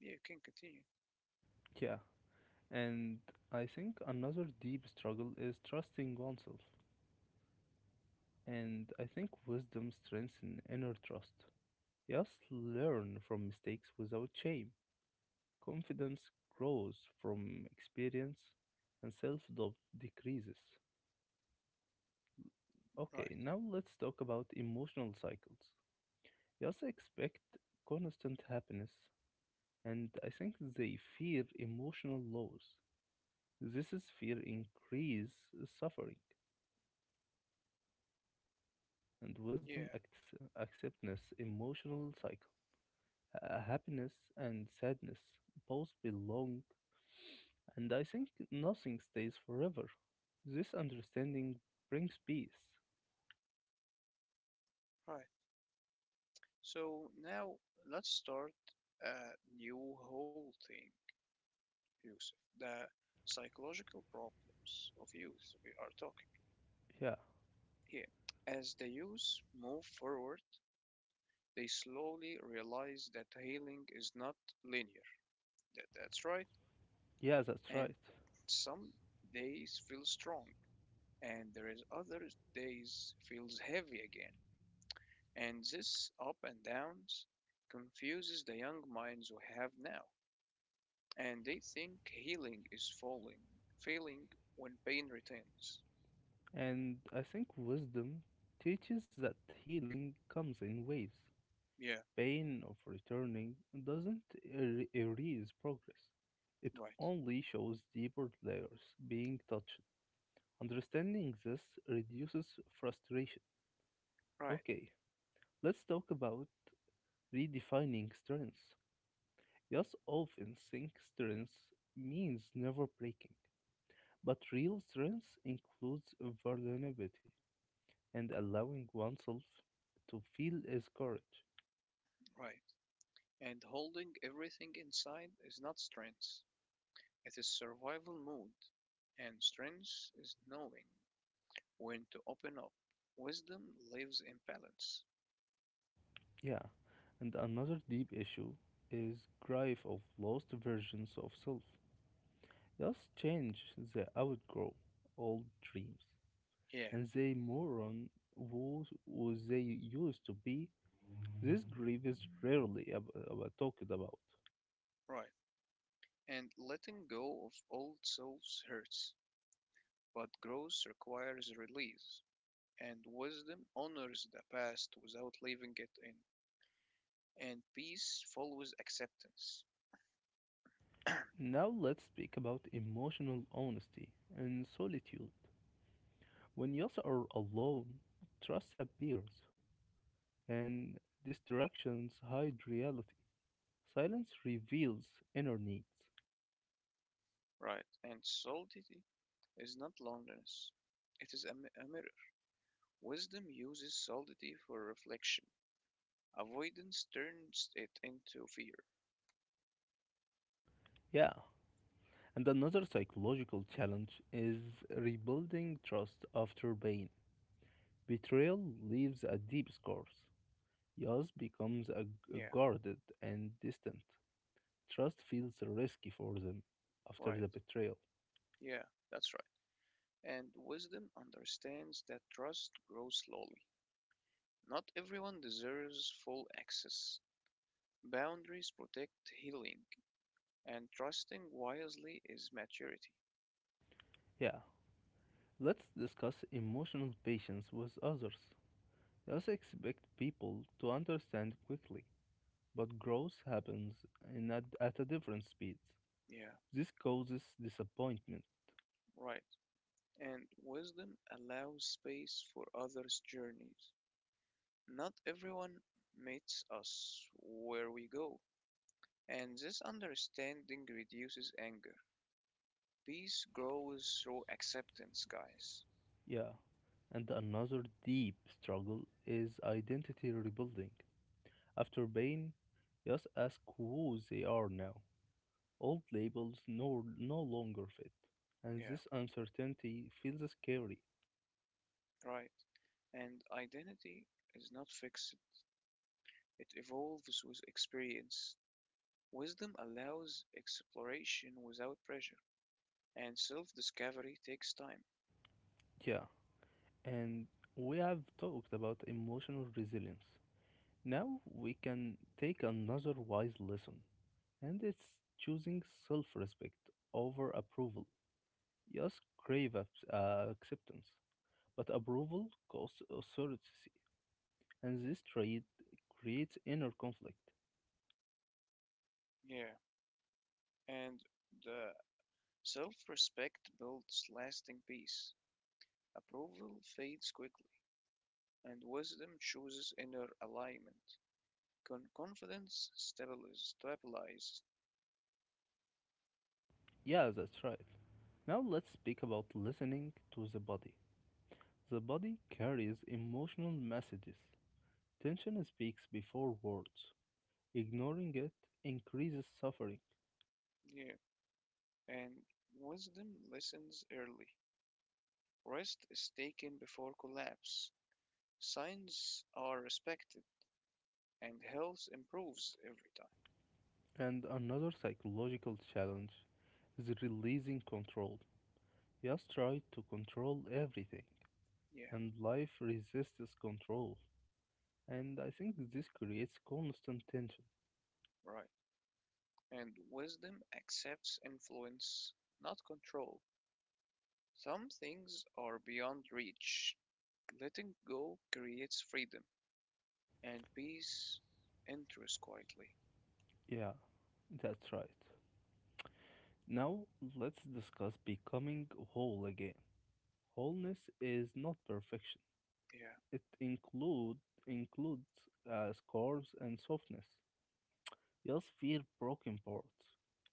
Speaker 2: Yeah, you can continue.
Speaker 1: Yeah, and I think another deep struggle is trusting oneself. And I think wisdom strengthens inner trust. Yes, learn from mistakes without shame. Confidence grows from experience, and self doubt decreases. Okay,
Speaker 2: Right.
Speaker 1: now let's talk about emotional cycles. Yes, expect constant happiness and I think they fear emotional loss. This is fear increase suffering and wisdom
Speaker 2: Yeah,
Speaker 1: acts acceptance emotional cycle. Happiness and sadness both belong and I think nothing stays forever. This understanding brings peace.
Speaker 2: right. So now let's start a new whole thing, Yusuf. The psychological problems of youth we are talking
Speaker 1: Yeah,
Speaker 2: here. As the youth move forward, they slowly realize that healing is not linear. That's right.
Speaker 1: yeah, that's
Speaker 2: And
Speaker 1: right.
Speaker 2: some days feel strong, and there is other days feels heavy again. And this up and downs confuses the young minds we have now, and they think healing is failing when pain returns.
Speaker 1: And I think wisdom teaches that healing comes in waves.
Speaker 2: Yeah,
Speaker 1: Pain of returning doesn't erase progress. It
Speaker 2: right,
Speaker 1: only shows deeper layers being touched. Understanding this reduces frustration.
Speaker 2: right,
Speaker 1: Okay, let's talk about redefining strengths. Yes, often think strengths means never breaking, but real strengths includes vulnerability and allowing oneself to feel as courage.
Speaker 2: right. And holding everything inside is not strength, it is survival mode. And strength is knowing when to open up. Wisdom lives in balance.
Speaker 1: Yeah, and another deep issue is grief of lost versions of self. Just change the outgrow old dreams,
Speaker 2: Yeah,
Speaker 1: and they more who they used to be. This grief is rarely talked about.
Speaker 2: right. And letting go of old selves hurts, but growth requires release. And wisdom honors the past without leaving it in. And peace follows acceptance,
Speaker 1: Now let's speak about emotional honesty and solitude. When you are alone, trust appears, and distractions hide reality. Silence reveals inner needs.
Speaker 2: right? And solidity is not loneliness, it is a mirror. Wisdom uses solidity for reflection, avoidance turns it into fear.
Speaker 1: Yeah. And another psychological challenge is rebuilding trust after pain. Betrayal leaves a deep scars. Yas becomes a
Speaker 2: Yeah,
Speaker 1: guarded and distant. Trust feels risky for them after
Speaker 2: right.
Speaker 1: the betrayal.
Speaker 2: Yeah, that's right. And wisdom understands that trust grows slowly. Not everyone deserves full access. Boundaries protect healing, and trusting wisely is maturity.
Speaker 1: Yeah. Let's discuss emotional patience with others. Yas expect people to understand quickly, but growth happens at a different speed.
Speaker 2: Yeah,
Speaker 1: This causes disappointment.
Speaker 2: right. And wisdom allows space for others' journeys. Not everyone meets us where we go, and this understanding reduces anger. Peace grows through acceptance, guys.
Speaker 1: Yeah, and another deep struggle is identity rebuilding. After Bane, just ask who they are now. Old labels no longer fit, and
Speaker 2: Yeah,
Speaker 1: this uncertainty feels scary.
Speaker 2: right. And identity is not fixed, it evolves with experience. Wisdom allows exploration without pressure, and self discovery takes time.
Speaker 1: Yeah, and we have talked about emotional resilience. Now we can take another wise lesson, and it's choosing self respect over approval. Just crave acceptance. But approval costs authority, and this trade creates inner conflict.
Speaker 2: Yeah, and the self-respect builds lasting peace, approval fades quickly, and wisdom chooses inner alignment. Confidence stabilizes,
Speaker 1: Yeah, that's right. Now let's speak about listening to the body. The body carries emotional messages. Tension speaks before words. Ignoring it increases suffering.
Speaker 2: yeah, and wisdom listens early. Rest is taken before collapse. Signs are respected, and health improves every time.
Speaker 1: And another psychological challenge is releasing control. Just try to control everything,
Speaker 2: Yeah,
Speaker 1: and life resists control. And I think this creates constant tension.
Speaker 2: right. And wisdom accepts influence, not control. Some things are beyond reach, letting go creates freedom and peace enters quietly.
Speaker 1: Yeah, that's right. Now let's discuss becoming whole again. Wholeness is not perfection.
Speaker 2: Yeah,
Speaker 1: It includes scars and softness. Just fear broken parts.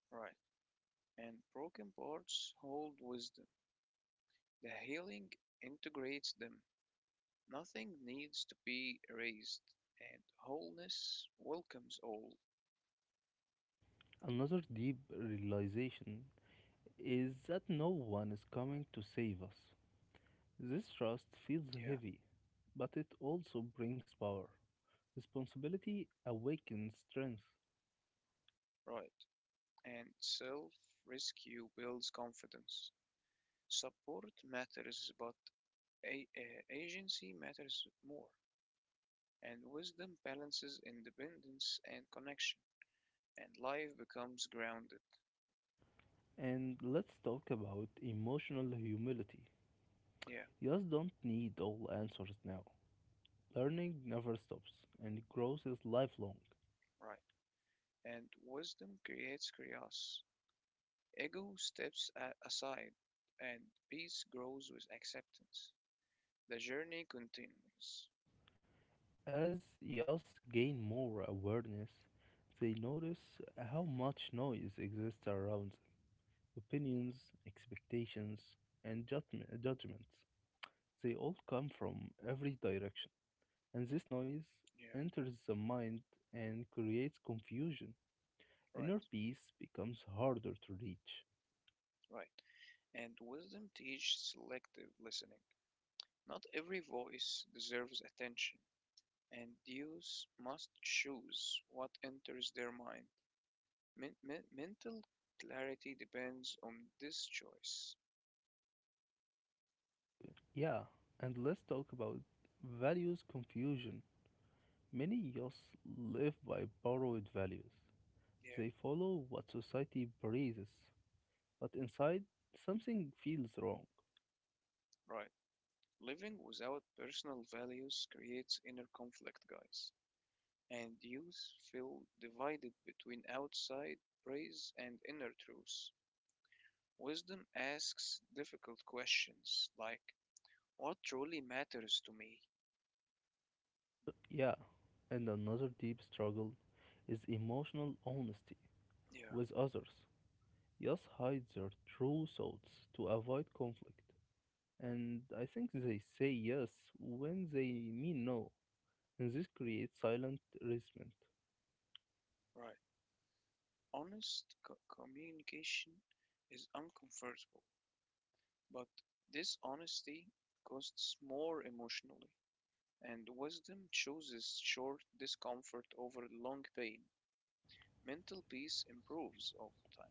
Speaker 2: right. And broken parts hold wisdom. The healing integrates them. Nothing needs to be erased, and wholeness welcomes all.
Speaker 1: Another deep realization is that no one is coming to save us. This trust feels
Speaker 2: Yeah,
Speaker 1: heavy, but it also brings power. Responsibility awakens strength.
Speaker 2: right. And self rescue builds confidence. Support matters, but agency matters more. And wisdom balances independence and connection, and life becomes grounded.
Speaker 1: And let's talk about emotional humility.
Speaker 2: Yeah,
Speaker 1: You just don't need all answers now. Learning never stops, and growth is lifelong.
Speaker 2: right. And wisdom creates chaos. Ego steps aside, and peace grows with acceptance. The journey continues.
Speaker 1: As youths gain more awareness, they notice how much noise exists around them opinions, expectations, and judgments. They all come from every direction, and this noise
Speaker 2: Yeah,
Speaker 1: enters the mind and creates confusion.
Speaker 2: right,
Speaker 1: Inner peace becomes harder to reach.
Speaker 2: right. And wisdom teaches selective listening. Not every voice deserves attention, and youths must choose what enters their mind. Mental clarity depends on this choice.
Speaker 1: Yeah, and let's talk about values confusion. Many youths live by borrowed values.
Speaker 2: Yeah,
Speaker 1: They follow what society praises, but inside something feels wrong.
Speaker 2: right. Living without personal values creates inner conflict, guys, and youth feel divided between outside praise and inner truth. Wisdom asks difficult questions like, what truly matters to me?
Speaker 1: Yeah, and another deep struggle is emotional honesty
Speaker 2: Yeah,
Speaker 1: with others. Youths hide their true thoughts to avoid conflict, and I think they say yes when they mean no, and this creates silent resentment.
Speaker 2: right. Honest co- communication is uncomfortable, but dishonesty costs more emotionally, and wisdom chooses short discomfort over long pain. Mental peace improves over time.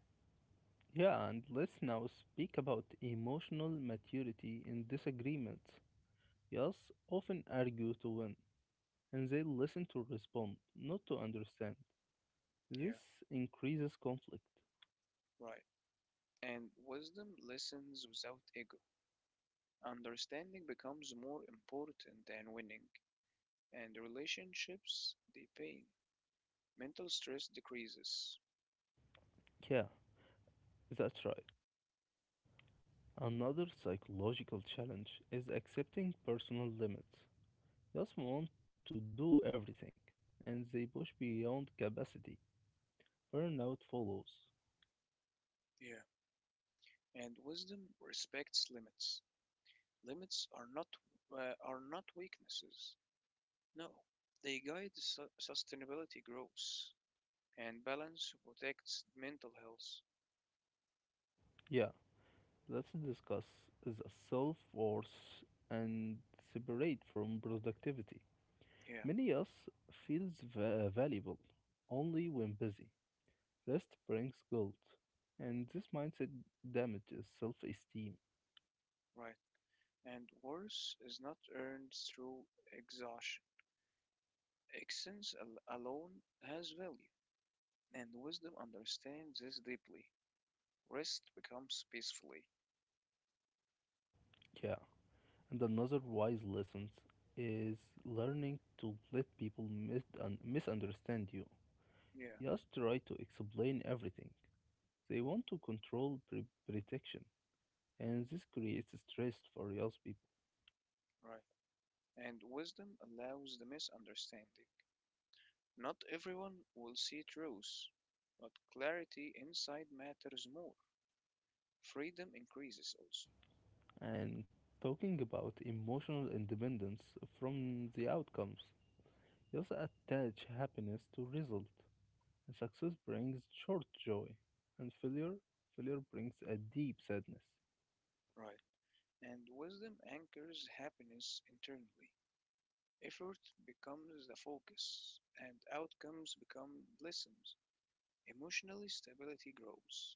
Speaker 1: Yeah, and let's now speak about emotional maturity in disagreements. Yes, often argue to win, and they listen to respond, not to understand.
Speaker 2: Yeah,
Speaker 1: This increases conflict.
Speaker 2: right. And wisdom listens without ego. Understanding becomes more important than winning, and relationships deepen. Mental stress decreases.
Speaker 1: Yeah, that's right. Another psychological challenge is accepting personal limits. Yes, want to do everything, and they push beyond capacity. Burnout follows.
Speaker 2: Yeah, and wisdom respects limits. Limits are not weaknesses. No, they guide sustainability growth, and balance protects mental health.
Speaker 1: Yeah, let's discuss the self worth and separate from productivity.
Speaker 2: Yeah,
Speaker 1: Many us feels valuable only when busy. Rest brings guilt, and this mindset damages self esteem.
Speaker 2: right. And worth is not earned through exhaustion. Excellence alone has value, and wisdom understands this deeply. Rest becomes peacefully.
Speaker 1: Yeah. And another wise lesson is learning to let people misunderstand you.
Speaker 2: Yeah,
Speaker 1: Just try to explain everything. They want to control protection, and this creates stress for young people.
Speaker 2: right. And wisdom allows the misunderstanding. Not everyone will see truth, but clarity inside matters more. Freedom increases also.
Speaker 1: And talking about emotional independence from the outcomes, just attach happiness to result. And Success brings short joy, and failure brings a deep sadness.
Speaker 2: Right. And wisdom anchors happiness internally. Effort becomes the focus, and outcomes become lessons. Emotionally, stability grows.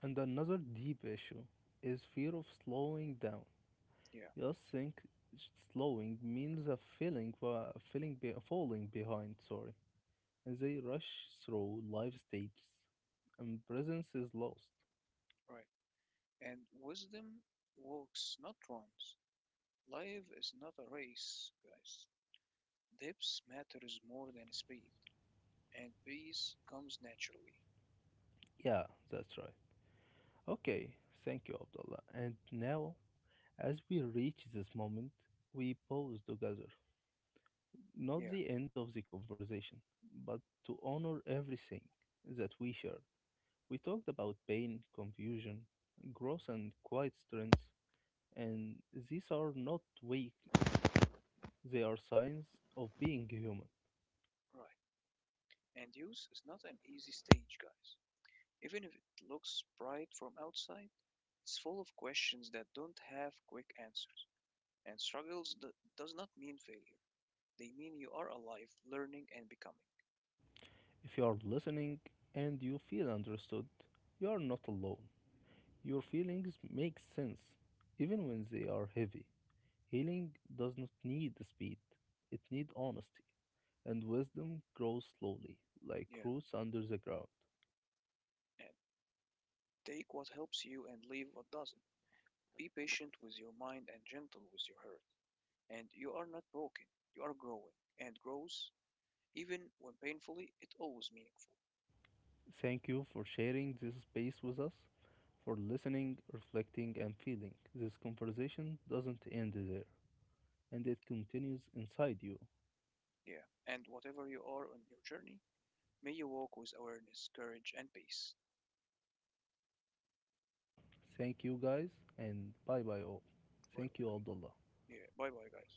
Speaker 1: And another deep issue is fear of slowing down.
Speaker 2: Yeah,
Speaker 1: You just think slowing means feeling falling behind, and they rush through life stages, and presence is lost.
Speaker 2: right. And wisdom walks, not runs. Life is not a race, guys. Depth matters more than speed, and peace comes naturally.
Speaker 1: Yeah, that's right. Okay, thank you, Abdullah. And now, as we reach this moment, we pause together.
Speaker 2: Yeah,
Speaker 1: Not the end of the conversation, but to honor everything that we shared. We talked about pain, confusion, growth, and quiet strengths, and these are not weakness, they are signs of being human.
Speaker 2: right. And youth is not an easy stage, guys. Even if it looks bright from outside, it's full of questions that don't have quick answers. And does not mean failure. They mean you are alive, learning, and becoming.
Speaker 1: If you are listening and you feel understood, you are not alone. Your feelings make sense, even when they are heavy. Healing does not need speed, it needs honesty, and wisdom grows slowly, like
Speaker 2: Yeah.
Speaker 1: roots under the ground.
Speaker 2: And take what helps you and leave what doesn't. Be patient with your mind and gentle with your heart. And you are not broken, you are growing. And growth, even when painfully, it always meaningful.
Speaker 1: Thank you for sharing this space with us, for listening, reflecting, and feeling. This conversation doesn't end there, and it continues inside you.
Speaker 2: Yeah. And whatever you are on your journey, may you walk with awareness, courage, and peace.
Speaker 1: Thank you, guys, and bye bye, all.
Speaker 2: Bye bye,
Speaker 1: Thank you,
Speaker 2: guys.
Speaker 1: Abdullah.
Speaker 2: Yeah. Bye bye, guys.